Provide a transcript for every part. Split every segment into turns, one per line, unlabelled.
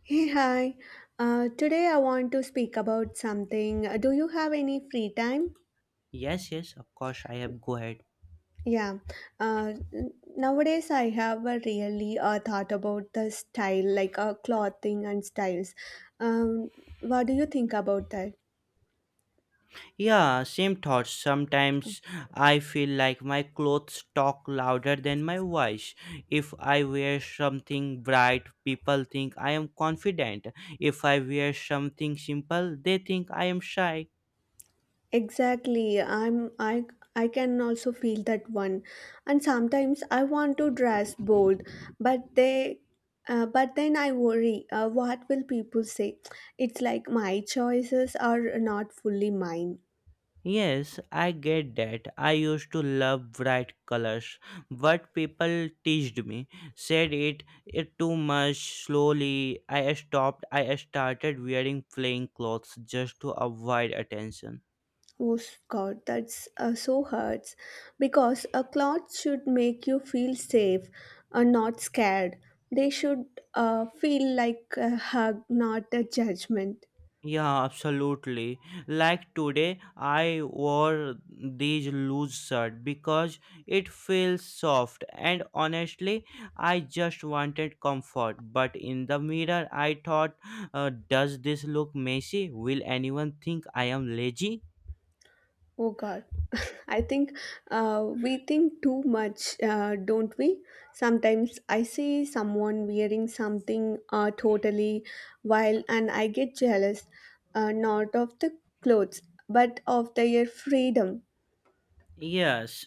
Hey, hi. Today I want to speak about something. Do you have any free time?
Yes, yes, of course, I have. Go ahead.
Yeah. Uh, Nowadays I have really thought about the style, like clothing and styles. Um, what do you think about that?
Yeah, same thoughts. Sometimes I feel like my clothes talk louder than my voice. If I wear something bright, people think I am confident. If I wear something simple, they think I am shy.
Exactly. I I can also feel that one. And sometimes I want to dress bold, but they but then I worry, what will people say? It's like my choices are not fully mine.
Yes, I get that. I used to love bright colors, but people teased me, said it too much. Slowly, I stopped. I started wearing plain clothes just to avoid attention.
Oh God, that's so hurts. Because a cloth should make you feel safe, not scared. They should feel like a hug, not a judgment.
Yeah, absolutely. Like today, I wore these loose shirt because it feels soft, and honestly, I just wanted comfort. But in the mirror, I thought, does this look messy? Will anyone think I am lazy?
Oh God. I think we think too much, don't we? Sometimes I see someone wearing something totally wild and I get jealous, not of the clothes, but of their freedom.
Yes,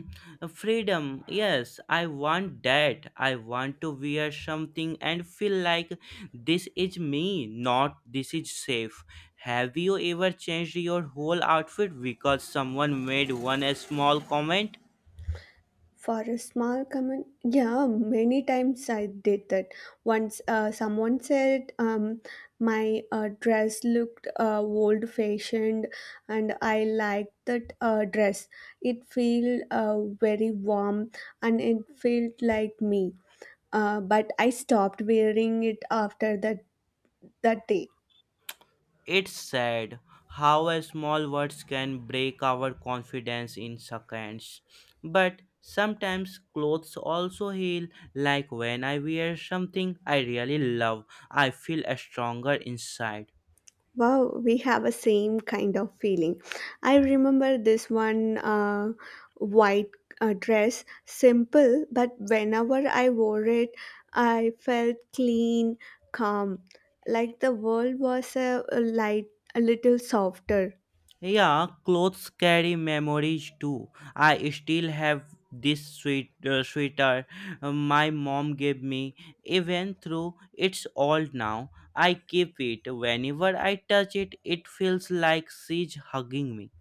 freedom. Yes, I want that. I want to wear something and feel like this is me, not this is safe. Have you ever changed your whole outfit because someone made one a small comment?
For a small comment, yeah, many times I did that. Once someone said, my dress looked old fashioned and I liked that dress. It felt very warm and it felt like me. But I stopped wearing it after that day.
It's sad how a small words can break our confidence in seconds. But sometimes clothes also heal, like when I wear something I really love, I feel stronger inside.
Wow, we have a same kind of feeling. I remember this one white dress, simple, but whenever I wore it, I felt clean, calm, like the world was a light, a little softer.
Yeah, clothes carry memories too. I still have this sweet sweater my mom gave me. Even though it's old now, I keep it. Whenever I touch it, it feels like she's hugging me.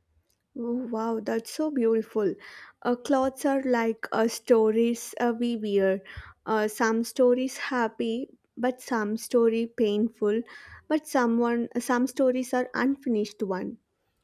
Oh, wow, that's so beautiful. Clothes are like stories we wear. Some stories happy, but some story painful, but some stories are unfinished one.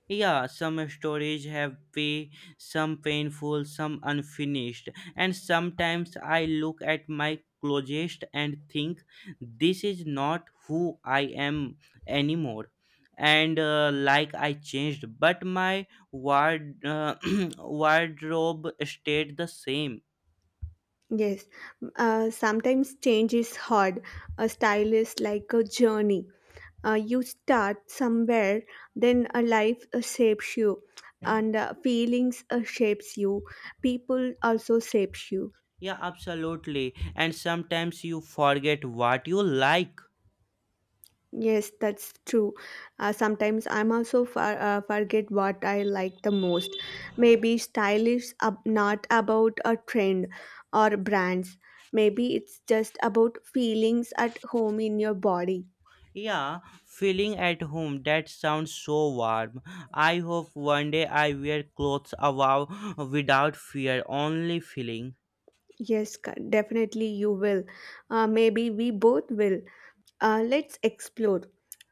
Yeah, some stories have way, some painful, some unfinished, and sometimes I look at my closest and think this is not who I am anymore. And like I changed, but wardrobe stayed the same.
Yes, sometimes change is hard. A style is like a journey. You start somewhere, then a life shapes you, and feelings shapes you. People also shapes you.
Yeah, absolutely. And sometimes you forget what you like.
Yes, that's true. Sometimes I'm also forget what I like the most. Maybe style is not about a trend or brands. Maybe it's just about feelings at home in your body.
Yeah, feeling at home. That sounds so warm. I hope one day I wear clothes above without fear, only feeling.
Definitely you will. Maybe we both will. Let's explore.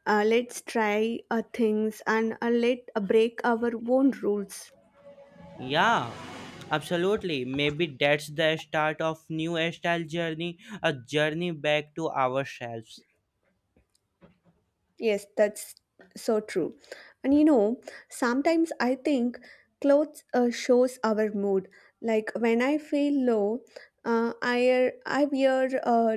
Let's try things and let break our own rules.
Yeah, absolutely. Maybe that's the start of new style journey, a journey back to ourselves.
Yes, that's so true. And you know, sometimes I think clothes shows our mood. Like when I feel low, I wear I wear uh,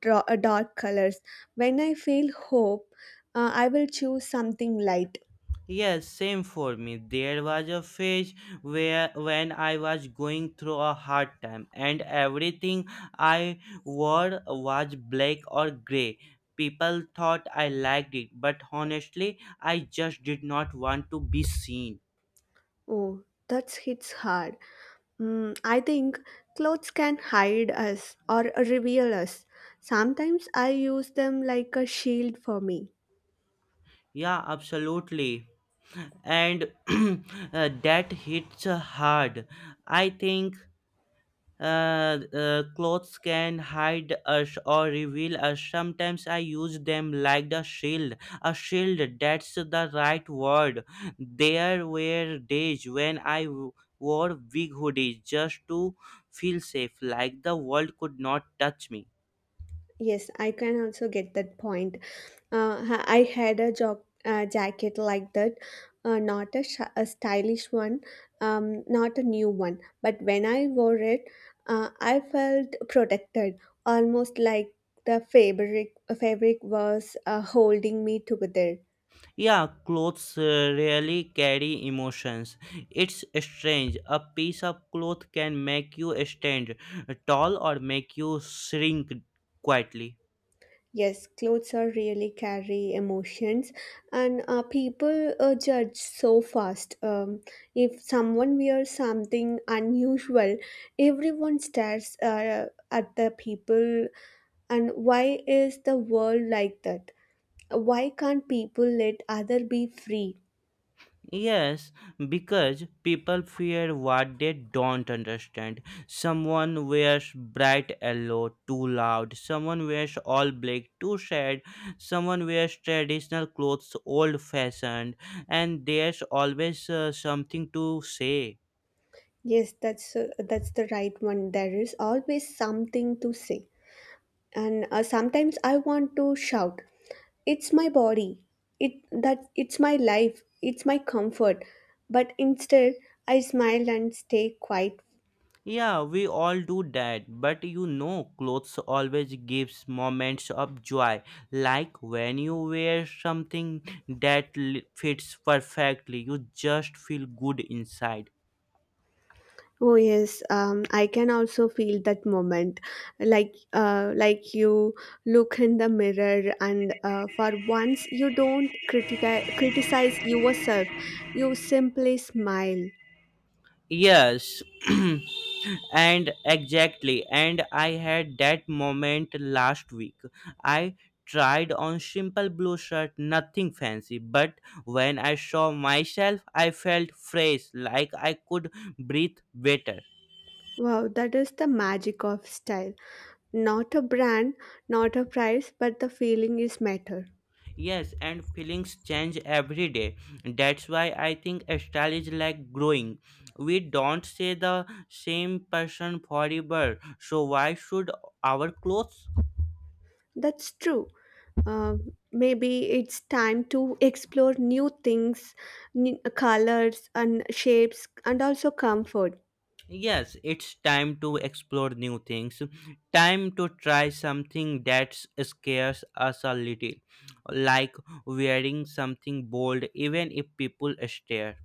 dra- uh, dark colors. When I feel hope, I will choose something light.
Yes, same for me. There was a phase where when I was going through a hard time and everything I wore was black or gray. People thought I liked it, but honestly, I just did not want to be seen.
Oh, that hits hard. Mm, I think clothes can hide us or reveal us. Sometimes I use them like a shield for me.
Yeah, absolutely. And that hits hard. I think clothes can hide us or reveal us. Sometimes I use them like the shield. A shield, that's the right word. There were days when wore big hoodies just to feel safe, like the world could not touch me.
Yes, I can also get that point. I had a job jacket like that, not a stylish one, not a new one. But when I wore it, I felt protected, almost like the fabric was holding me together.
Yeah, clothes really carry emotions. It's strange. A piece of cloth can make you stand tall or make you shrink quietly.
Yes, clothes are really carry emotions, and people judge so fast. If someone wears something unusual, everyone stares at the people. And why is the world like that? Why can't people let other be free?
Yes, because people fear what they don't understand. Someone wears bright yellow too loud, someone wears all black too sad, someone wears traditional clothes old fashioned, and there's always something to say.
Yes, that's the right one. There is always something to say, and sometimes I want to shout. It's my body. It's my life. It's my comfort. But instead, I smile and stay quiet.
Yeah, we all do that, but you know, clothes always gives moments of joy, like when you wear something that fits perfectly, you just feel good inside.
Oh yes, I can also feel that moment, like you look in the mirror and for once you don't criticize yourself, you simply smile.
Yes. And exactly, and I had that moment last week. I tried on simple blue shirt, nothing fancy, but when I saw myself I felt fresh, like I could breathe better.
Wow, that is the magic of style. Not a brand, not a price, but the feeling is matter.
Yes, and feelings change every day. That's why I think style is like growing. We don't stay the same person forever. So why should our clothes?
That's true. Um Maybe it's time to explore new things, new colors and shapes, and also comfort.
Yes, it's time to explore new things. Time to try something that scares us a little, like wearing something bold, even if people stare.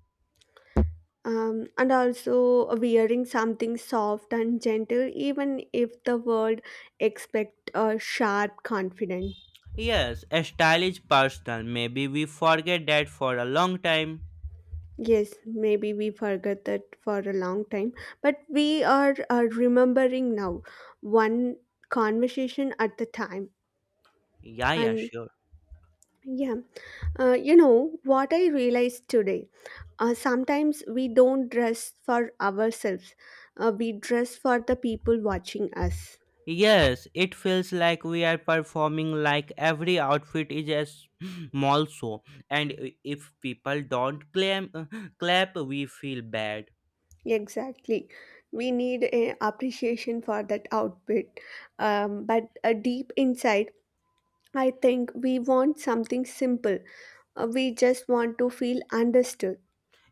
And also wearing something soft and gentle, even if the world expect a sharp confidence.
Yes, a style is personal. Maybe we forget that for a long time.
Yes, maybe we forgot that for a long time, but are remembering now, one conversation at the time.
Yeah, yeah,
And
sure.
yeah, you know what I realized today. Sometimes we don't dress for ourselves. We dress for the people watching us.
Yes, it feels like we are performing, like every outfit is a small show, and if people don't clap, we feel bad.
Exactly. We need a appreciation for that outfit, but a deep insight. I think we want something simple. We just want to feel understood.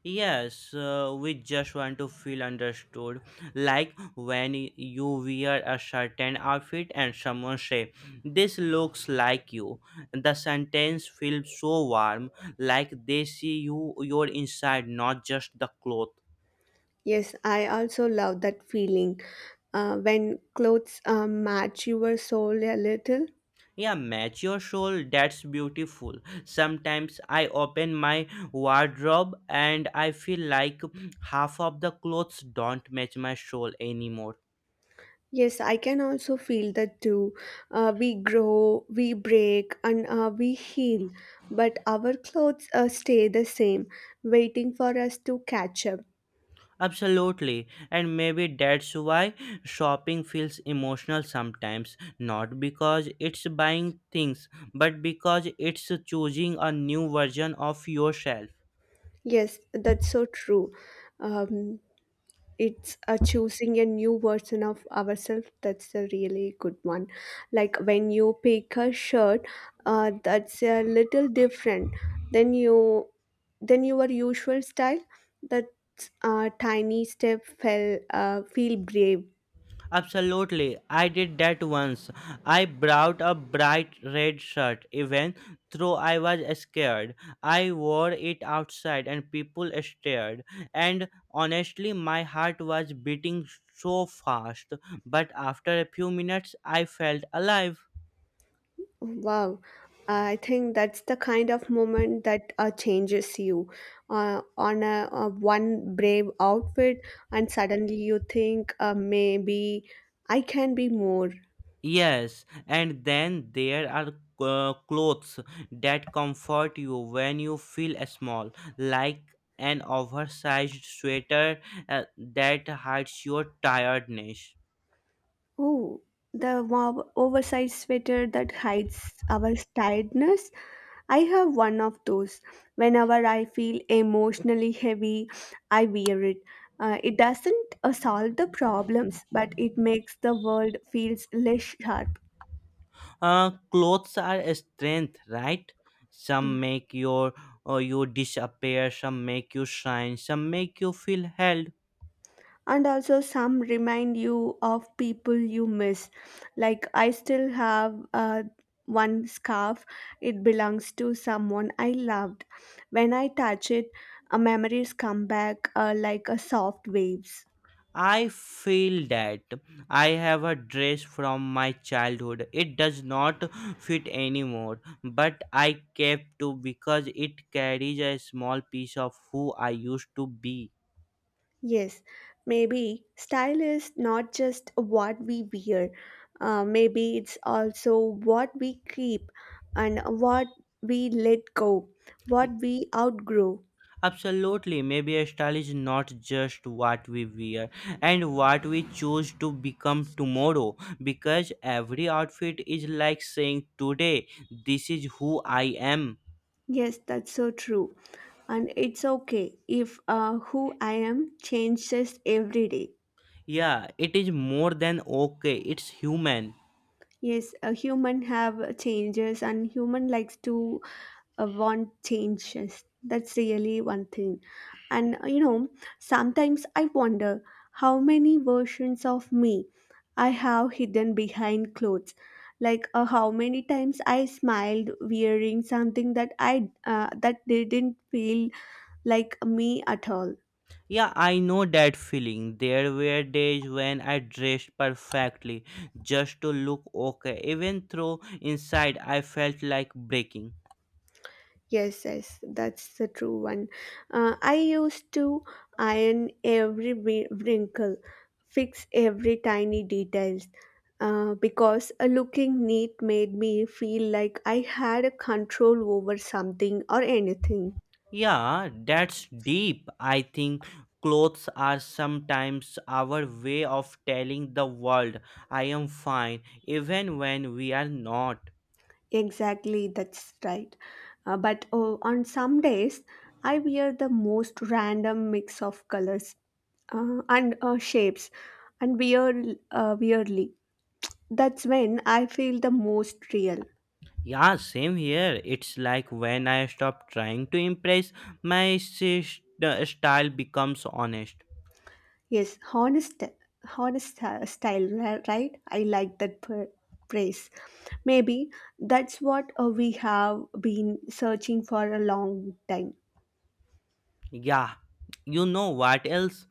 Yes, we just want to feel understood. Like when you wear a certain outfit and someone say, "This looks like you," the sentence feels so warm, like they see you your inside, not just the cloth.
Yes, I also love that feeling when clothes match your soul a little.
Yeah, match your soul. That's beautiful. Sometimes I open my wardrobe and I feel like half of the clothes don't match my soul anymore.
Yes, I can also feel that too. We grow, we break, and we heal, but our clothes stay the same, waiting for us to catch up.
Absolutely. And maybe that's why shopping feels emotional sometimes. Not because it's buying things, but because it's choosing a new version of yourself.
Yes, that's so true. Um, it's a choosing a new version of ourselves. That's a really good one. Like when you pick a shirt, that's a little different than you than your usual style. That tiny step fell feel brave.
Absolutely. I did that once. I brought a bright red shirt, even though I was scared. I wore it outside and people stared. And honestly, my heart was beating so fast. But after a few minutes, I felt alive.
Wow, I think that's the kind of moment that changes you. On a one brave outfit, and suddenly you think maybe I can be more.
Yes, and then there are clothes that comfort you when you feel small, like an oversized sweater that hides your tiredness.
Oh, the wow, oversized sweater that hides our tiredness. I have one of those. Whenever I feel emotionally heavy, I wear it. It doesn't solve the problems, but it makes the world feels less sharp.
Clothes are a strength, right? Some make your you disappear, some make you shine, some make you feel held.
And also some remind you of people you miss, like I still have one scarf. It belongs to someone I loved. When I touch it, memories come back like a soft waves.
I feel that I have a dress from my childhood. It does not fit anymore, but I kept to because it carries a small piece of who I used to be.
Yes, maybe style is not just what we wear. Maybe it's also what we keep and what we let go, what we outgrow.
Absolutely, maybe a style is not just what we wear and what we choose to become tomorrow, because every outfit is like saying today, this is who I am.
Yes, that's so true. And it's okay if who I am changes every day.
Yeah, it is more than okay, it's human.
Yes, a human have changes and human likes to want changes. That's really one thing. And you know, sometimes I wonder how many versions of me I have hidden behind clothes, like how many times I smiled wearing something that I that didn't feel like me at all.
Yeah, I know that feeling. There were days when I dressed perfectly just to look okay, even though inside I felt like breaking.
Yes, yes, that's the true one. I used to iron every wrinkle, fix every tiny details, because a looking neat made me feel like I had a control over something or anything.
Yeah, that's deep. I think clothes are sometimes our way of telling the world I am fine, even when we are not.
Exactly, that's right. But oh, on some days, I wear the most random mix of colors and shapes, and wear weirdly. That's when I feel the most real.
Yeah, same here. It's like when I stop trying to impress, the style becomes honest.
Yes, honest, honest style, right? I like that praise. Maybe that's what we have been searching for a long time.
Yeah, you know what else?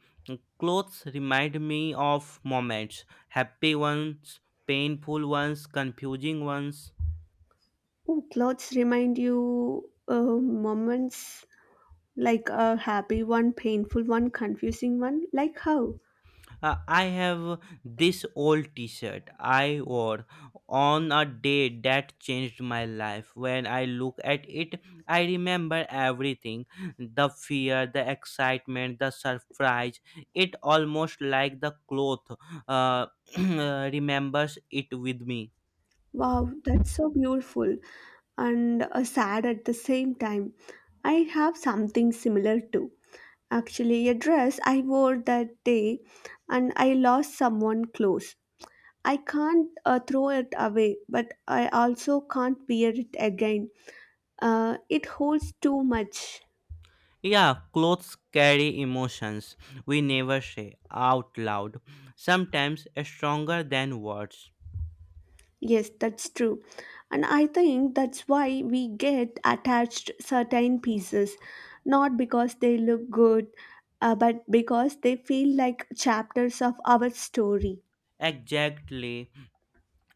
Clothes remind me of moments happy ones, painful ones, confusing ones.
Ooh, clothes remind you moments like a happy one, painful one, confusing one. Like how?
I have this old t shirt I wore on a day that changed my life. When I look at it, I remember everything the fear, the excitement, the surprise. It almost like the cloth uh, remembers it with me.
Wow, that's so beautiful and sad at the same time. I have something similar too. Actually, a dress I wore that day and I lost someone close. I can't throw it away, but I also can't wear it again. It holds too much.
Yeah, clothes carry emotions we never say out loud, sometimes stronger than words.
Yes, that's true. And I think that's why we get attached certain pieces, not because they look good, but because they feel like chapters of our story.
Exactly.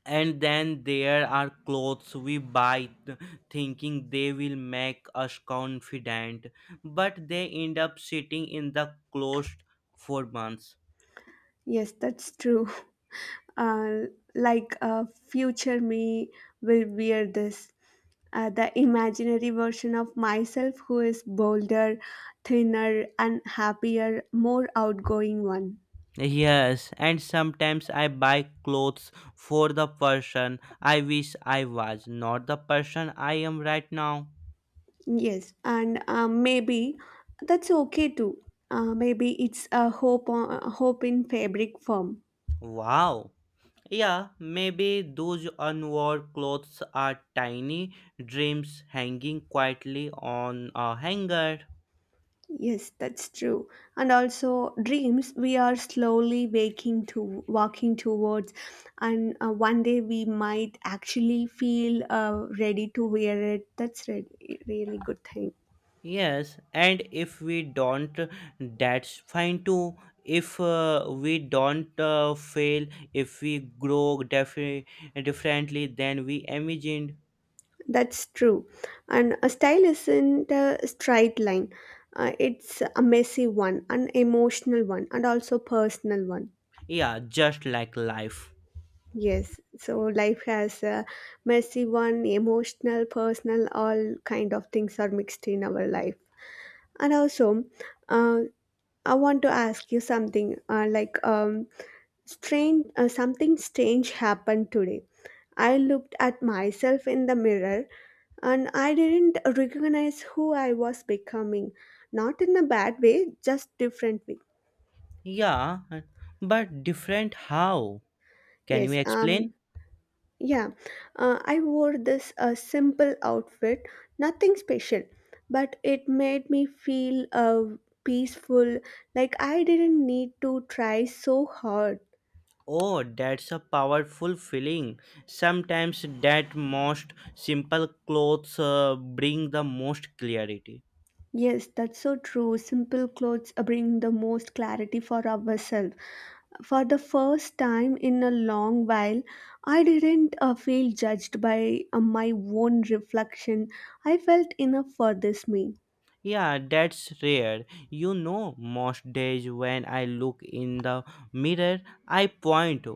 And then there are clothes we buy thinking they will make us confident, but they end up sitting in the closet for months.
Yes, that's true. uh, like future me will wear this, the imaginary version of myself who is bolder, thinner and happier, more outgoing one.
Yes, and sometimes I buy clothes for the person I wish I was, not the person I am right now.
Yes, and maybe that's okay too. Maybe it's a hope in fabric form.
Wow. Yeah, maybe those unworn clothes are tiny dreams hanging quietly on a hanger.
Yes, that's true. And also dreams we are slowly waking to, walking towards, and one day we might actually feel ready to wear it. That's really good thing.
Yes, and if we don't, that's fine too. If we don't fail, if we grow differently than we imagined.
That's true. And a style isn't a straight line. It's a messy one, an emotional one and also personal one.
Yeah, just like life.
Yes, so life has a messy one, emotional, personal, all kind of things are mixed in our life. And also, uh, I want to ask you something like, something strange happened today. I looked at myself in the mirror and I didn't recognize who I was becoming. Not in a bad way, just different way.
Yeah, but different how? Can you
Yes,
explain?
yeah. I wore this simple outfit, nothing special, but it made me feel peaceful, like I didn't need to try so hard.
Oh, that's a powerful feeling. Sometimes that most simple clothes bring the most clarity.
Yes, that's so true. Simple clothes bring the most clarity for ourselves. For the first time in a long while, I didn't feel judged by my own reflection. I felt enough for this me.
Yeah, that's rare. You know, most days when I look in the mirror, I point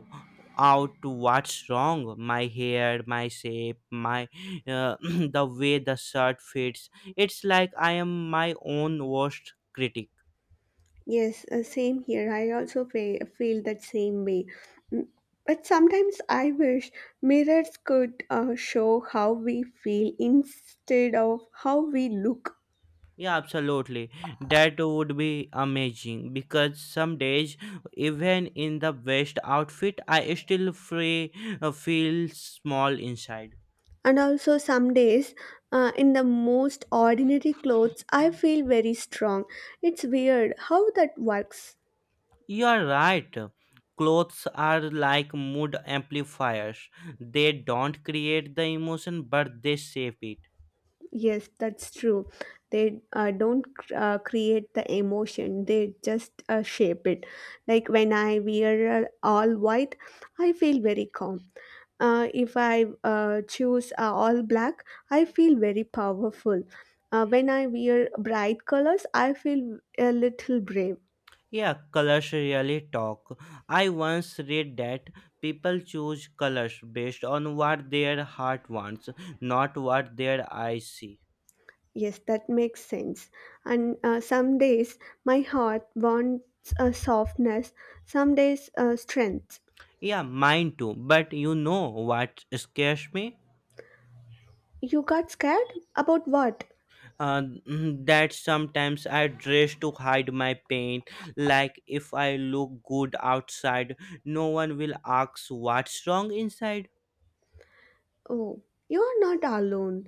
out to what's wrong, my hair, my shape, my the way the shirt fits. It's like I am my own worst critic.
Yes, same here. I also feel that same way. Mm, but sometimes I wish mirrors could show how we feel instead of how we look.
Yeah, absolutely. That would be amazing because some days, even in the best outfit, I still feel small inside.
And also, some days, in the most ordinary clothes, I feel very strong. It's weird how that works.
You are right. Clothes are like mood amplifiers. They don't create the emotion, but they shape it.
Yes, that's true. They don't create the emotion, they just shape it. Like when I wear all white, I feel very calm. If I choose all black, I feel very powerful. When I wear bright colors, I feel a little brave.
Yeah, colors really talk. I once read that people choose colors based on what their heart wants, not what their eyes see.
Yes, that makes sense. And some days my heart wants a softness, some days a strength.
Yeah, mine too. But you know what scares me?
You got scared? About what?
That sometimes I dress to hide my pain. Like if I look good outside, no one will ask what's wrong inside.
Oh, you are not alone.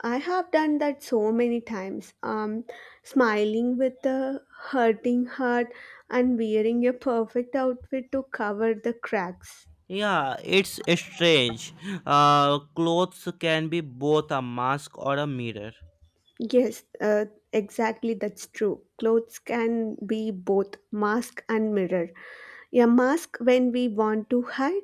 I have done that so many times. Smiling with a hurting heart and wearing a perfect outfit to cover the cracks.
Yeah, it's strange. Clothes can be both a mask or a mirror.
Yes, exactly, that's true. Clothes can be both mask and mirror. A mask when we want to hide,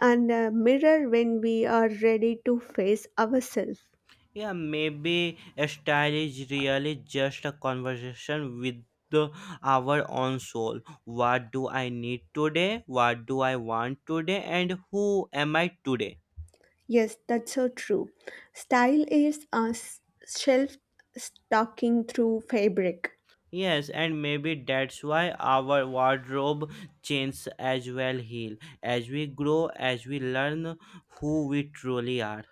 and a mirror when we are ready to face ourselves.
Yeah, maybe a style is really just a conversation with the, our own soul. What do I need today? What do I want today? And who am I today?
Yes, that's so true. Style is a shelf stocking through fabric.
Yes, and maybe that's why our wardrobe changes as well, heal as we grow, as we learn who we truly are.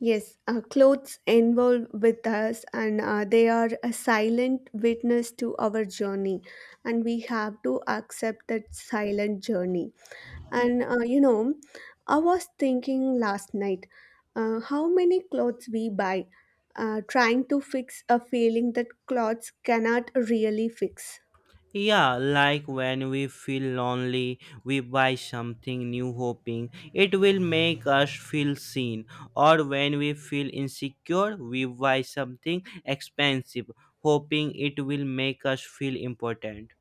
Yes, our clothes involve with us and they are a silent witness to our journey and we have to accept that silent journey. And you know, I was thinking last night how many clothes we buy, trying to fix a feeling that clothes cannot really fix.
Yeah, like when we feel lonely, we buy something new hoping it will make us feel seen. Or when we feel insecure, we buy something expensive hoping it will make us feel important.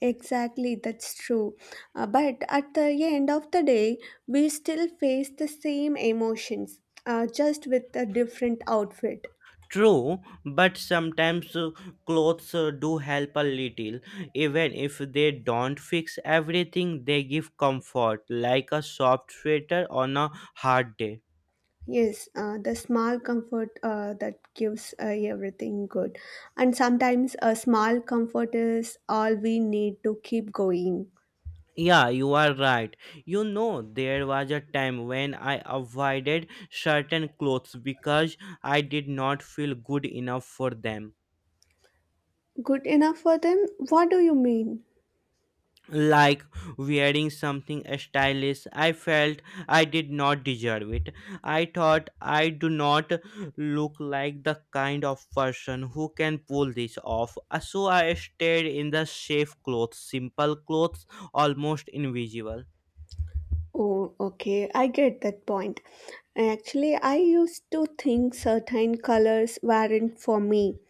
Exactly, that's true. But at the end of the day, we still face the same emotions, just with a different outfit.
True, but sometimes clothes do help a little. Even if they don't fix everything, they give comfort, like a soft sweater on a hard day.
Yes, the small comfort that gives everything good. And sometimes a small comfort is all we need to keep going.
Yeah, you are right. You know, there was a time when I avoided certain clothes because I did not feel good enough for them.
Good enough for them? What do you mean?
Like wearing something stylish, I felt I did not deserve it. I thought I do not look like the kind of person who can pull this off. So I stayed in the safe clothes, simple clothes, almost invisible.
Oh, okay, I get that point. Actually, I used to think certain colors weren't for me.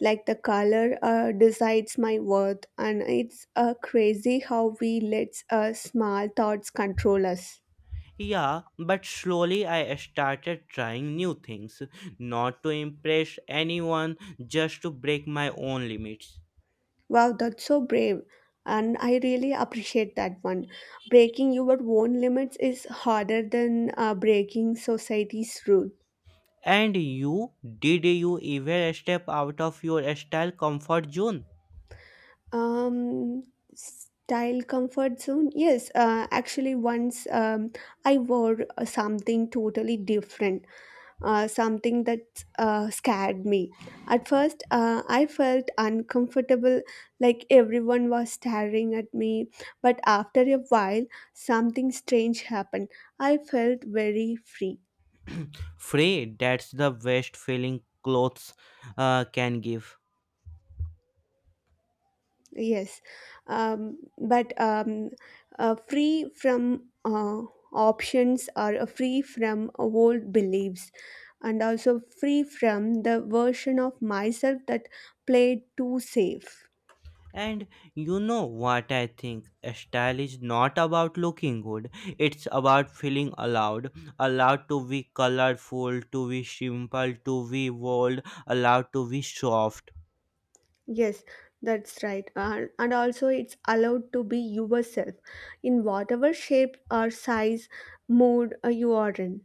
Like the color decides my worth, and it's crazy how we let small thoughts control us.
Yeah, but slowly I started trying new things, not to impress anyone, just to break my own limits.
Wow, that's so brave. And I really appreciate that one. Breaking your own limits is harder than breaking society's rules.
And you, did you ever step out of your style comfort zone?
Um, Style comfort zone. Yes, actually, once I wore something totally different, something that scared me. At first, I felt uncomfortable, like everyone was staring at me. But after a while, something strange happened. I felt very free.
Free, that's the best feeling clothes can give.
Yes, but free from options or free from old beliefs, and also free from the version of myself that played too safe.
And you know what I think? Style is not about looking good. It's about feeling allowed. Allowed to be colorful, to be simple, to be bold, allowed to be soft.
Yes, that's right. And also, it's allowed to be yourself in whatever shape or size, mood you are in.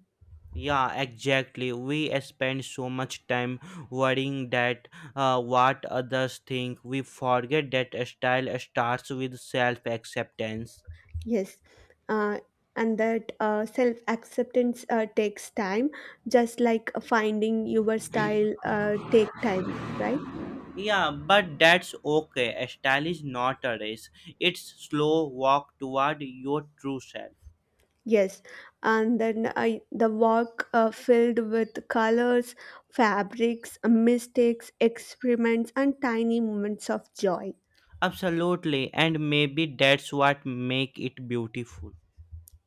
Yeah, exactly. We spend so much time worrying that what others think. We forget that style starts with self acceptance.
Yes, uh, and that self acceptance takes time, just like finding your style take time, right?
Yeah, but that's okay. A style is not a race. It's slow walk toward your true self.
Yes, and then I the work filled with colors, fabrics, mistakes, experiments, and tiny moments of joy.
Absolutely, and maybe that's what make it beautiful.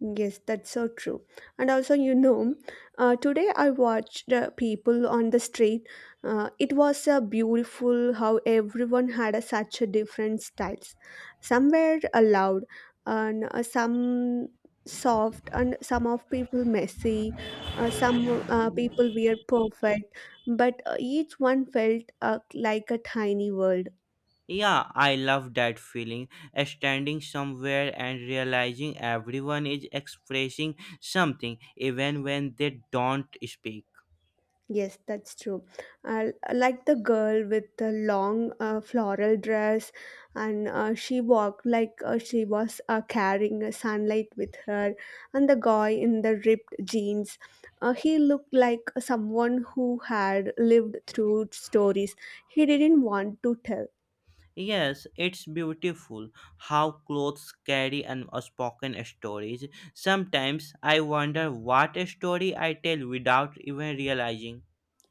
Yes, that's so true. And also, you know, today I watched people on the street. It was beautiful how everyone had a, such a different styles. Some were loud, and some soft, and some of people messy. Some people were perfect, but each one felt like a tiny world.
Yeah, I love that feeling. Standing somewhere and realizing everyone is expressing something even when they don't speak.
Yes, that's true. I like the girl with the long floral dress, and she walked like she was carrying a sunlight with her. And the guy in the ripped jeans, he looked like someone who had lived through stories he didn't want to tell.
Yes, it's beautiful how clothes carry unspoken stories. Sometimes I wonder what story I tell without even realizing.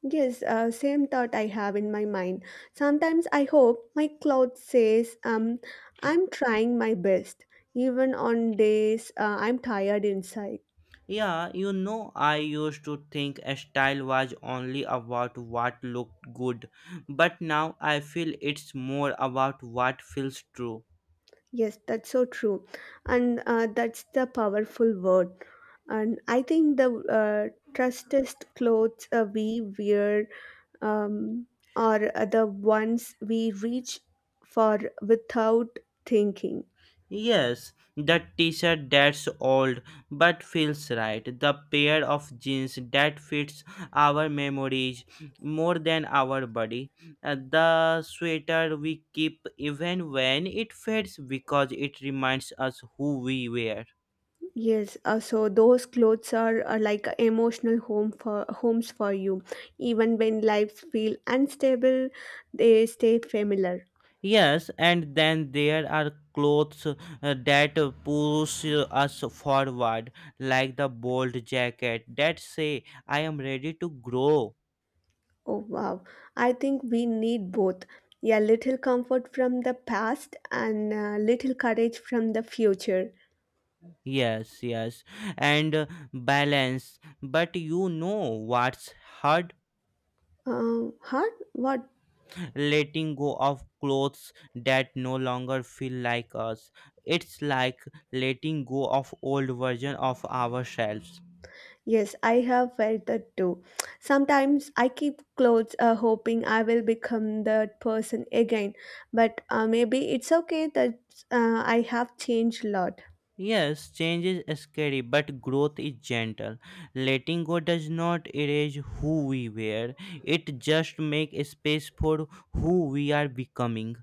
Yes, same thought I have in my mind. Sometimes I hope my cloud says, I'm trying my best, even on days I'm tired inside.
Yeah, you know, I used to think a style was only about what looked good, but now I feel it's more about what feels true.
Yes, that's so true. And that's the powerful word. And I think the uh, trustest clothes we wear um, are the ones we reach for without thinking.
Yes, that t-shirt that's old but feels right. The pair of jeans that fits our memories more than our body. The sweater we keep even when it fades because it reminds us who we were.
Yes, so those clothes are like a emotional home for homes for you. Even when lives feel unstable, they stay familiar.
Yes, and then there are clothes that push us forward, like the bold jacket that say, "I am ready to grow."
Oh wow. I think we need both. Yeah, little comfort from the past and little courage from the future.
Yes, yes, and balance. But you know what's hard?
Huh? What?
Letting go of clothes that no longer feel like us. It's like letting go of old version of ourselves.
Yes, I have felt that too. Sometimes I keep clothes hoping I will become that person again, but maybe it's okay that I have changed a lot.
Yes, change is scary, but growth is gentle. Letting go does not erase who we were. It just makes space for who we are becoming.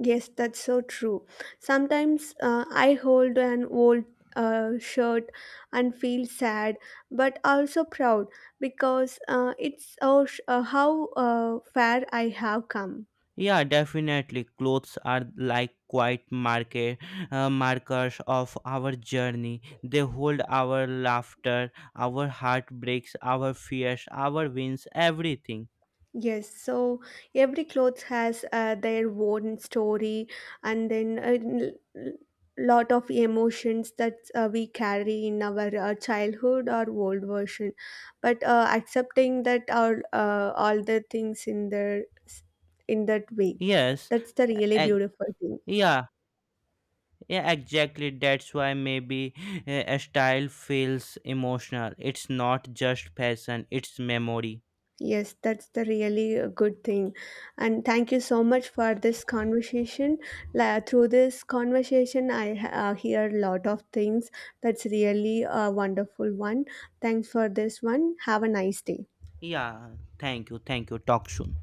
Yes, that's so true. Sometimes I hold an old shirt and feel sad, but also proud because it's oh, how far I have come.
Yeah, definitely. Clothes are like quiet market markers of our journey. They hold our laughter, our heartbreaks, our fears, our wins, everything.
Yes, so every clothes has their own story, and then a l- lot of emotions that we carry in our childhood or old version. But accepting that all the things in their in that way,
Yes,
that's the really
e-
beautiful thing.
e-, yeah, yeah, exactly. That's why maybe a style feels emotional. It's not just fashion; it's memory.
Yes, that's the really good thing. And thank you so much for this conversation. La through this conversation, I hear a lot of things. That's really a wonderful one. Thanks for this one. Have a nice day.
Yeah, thank you, thank you. Talk soon.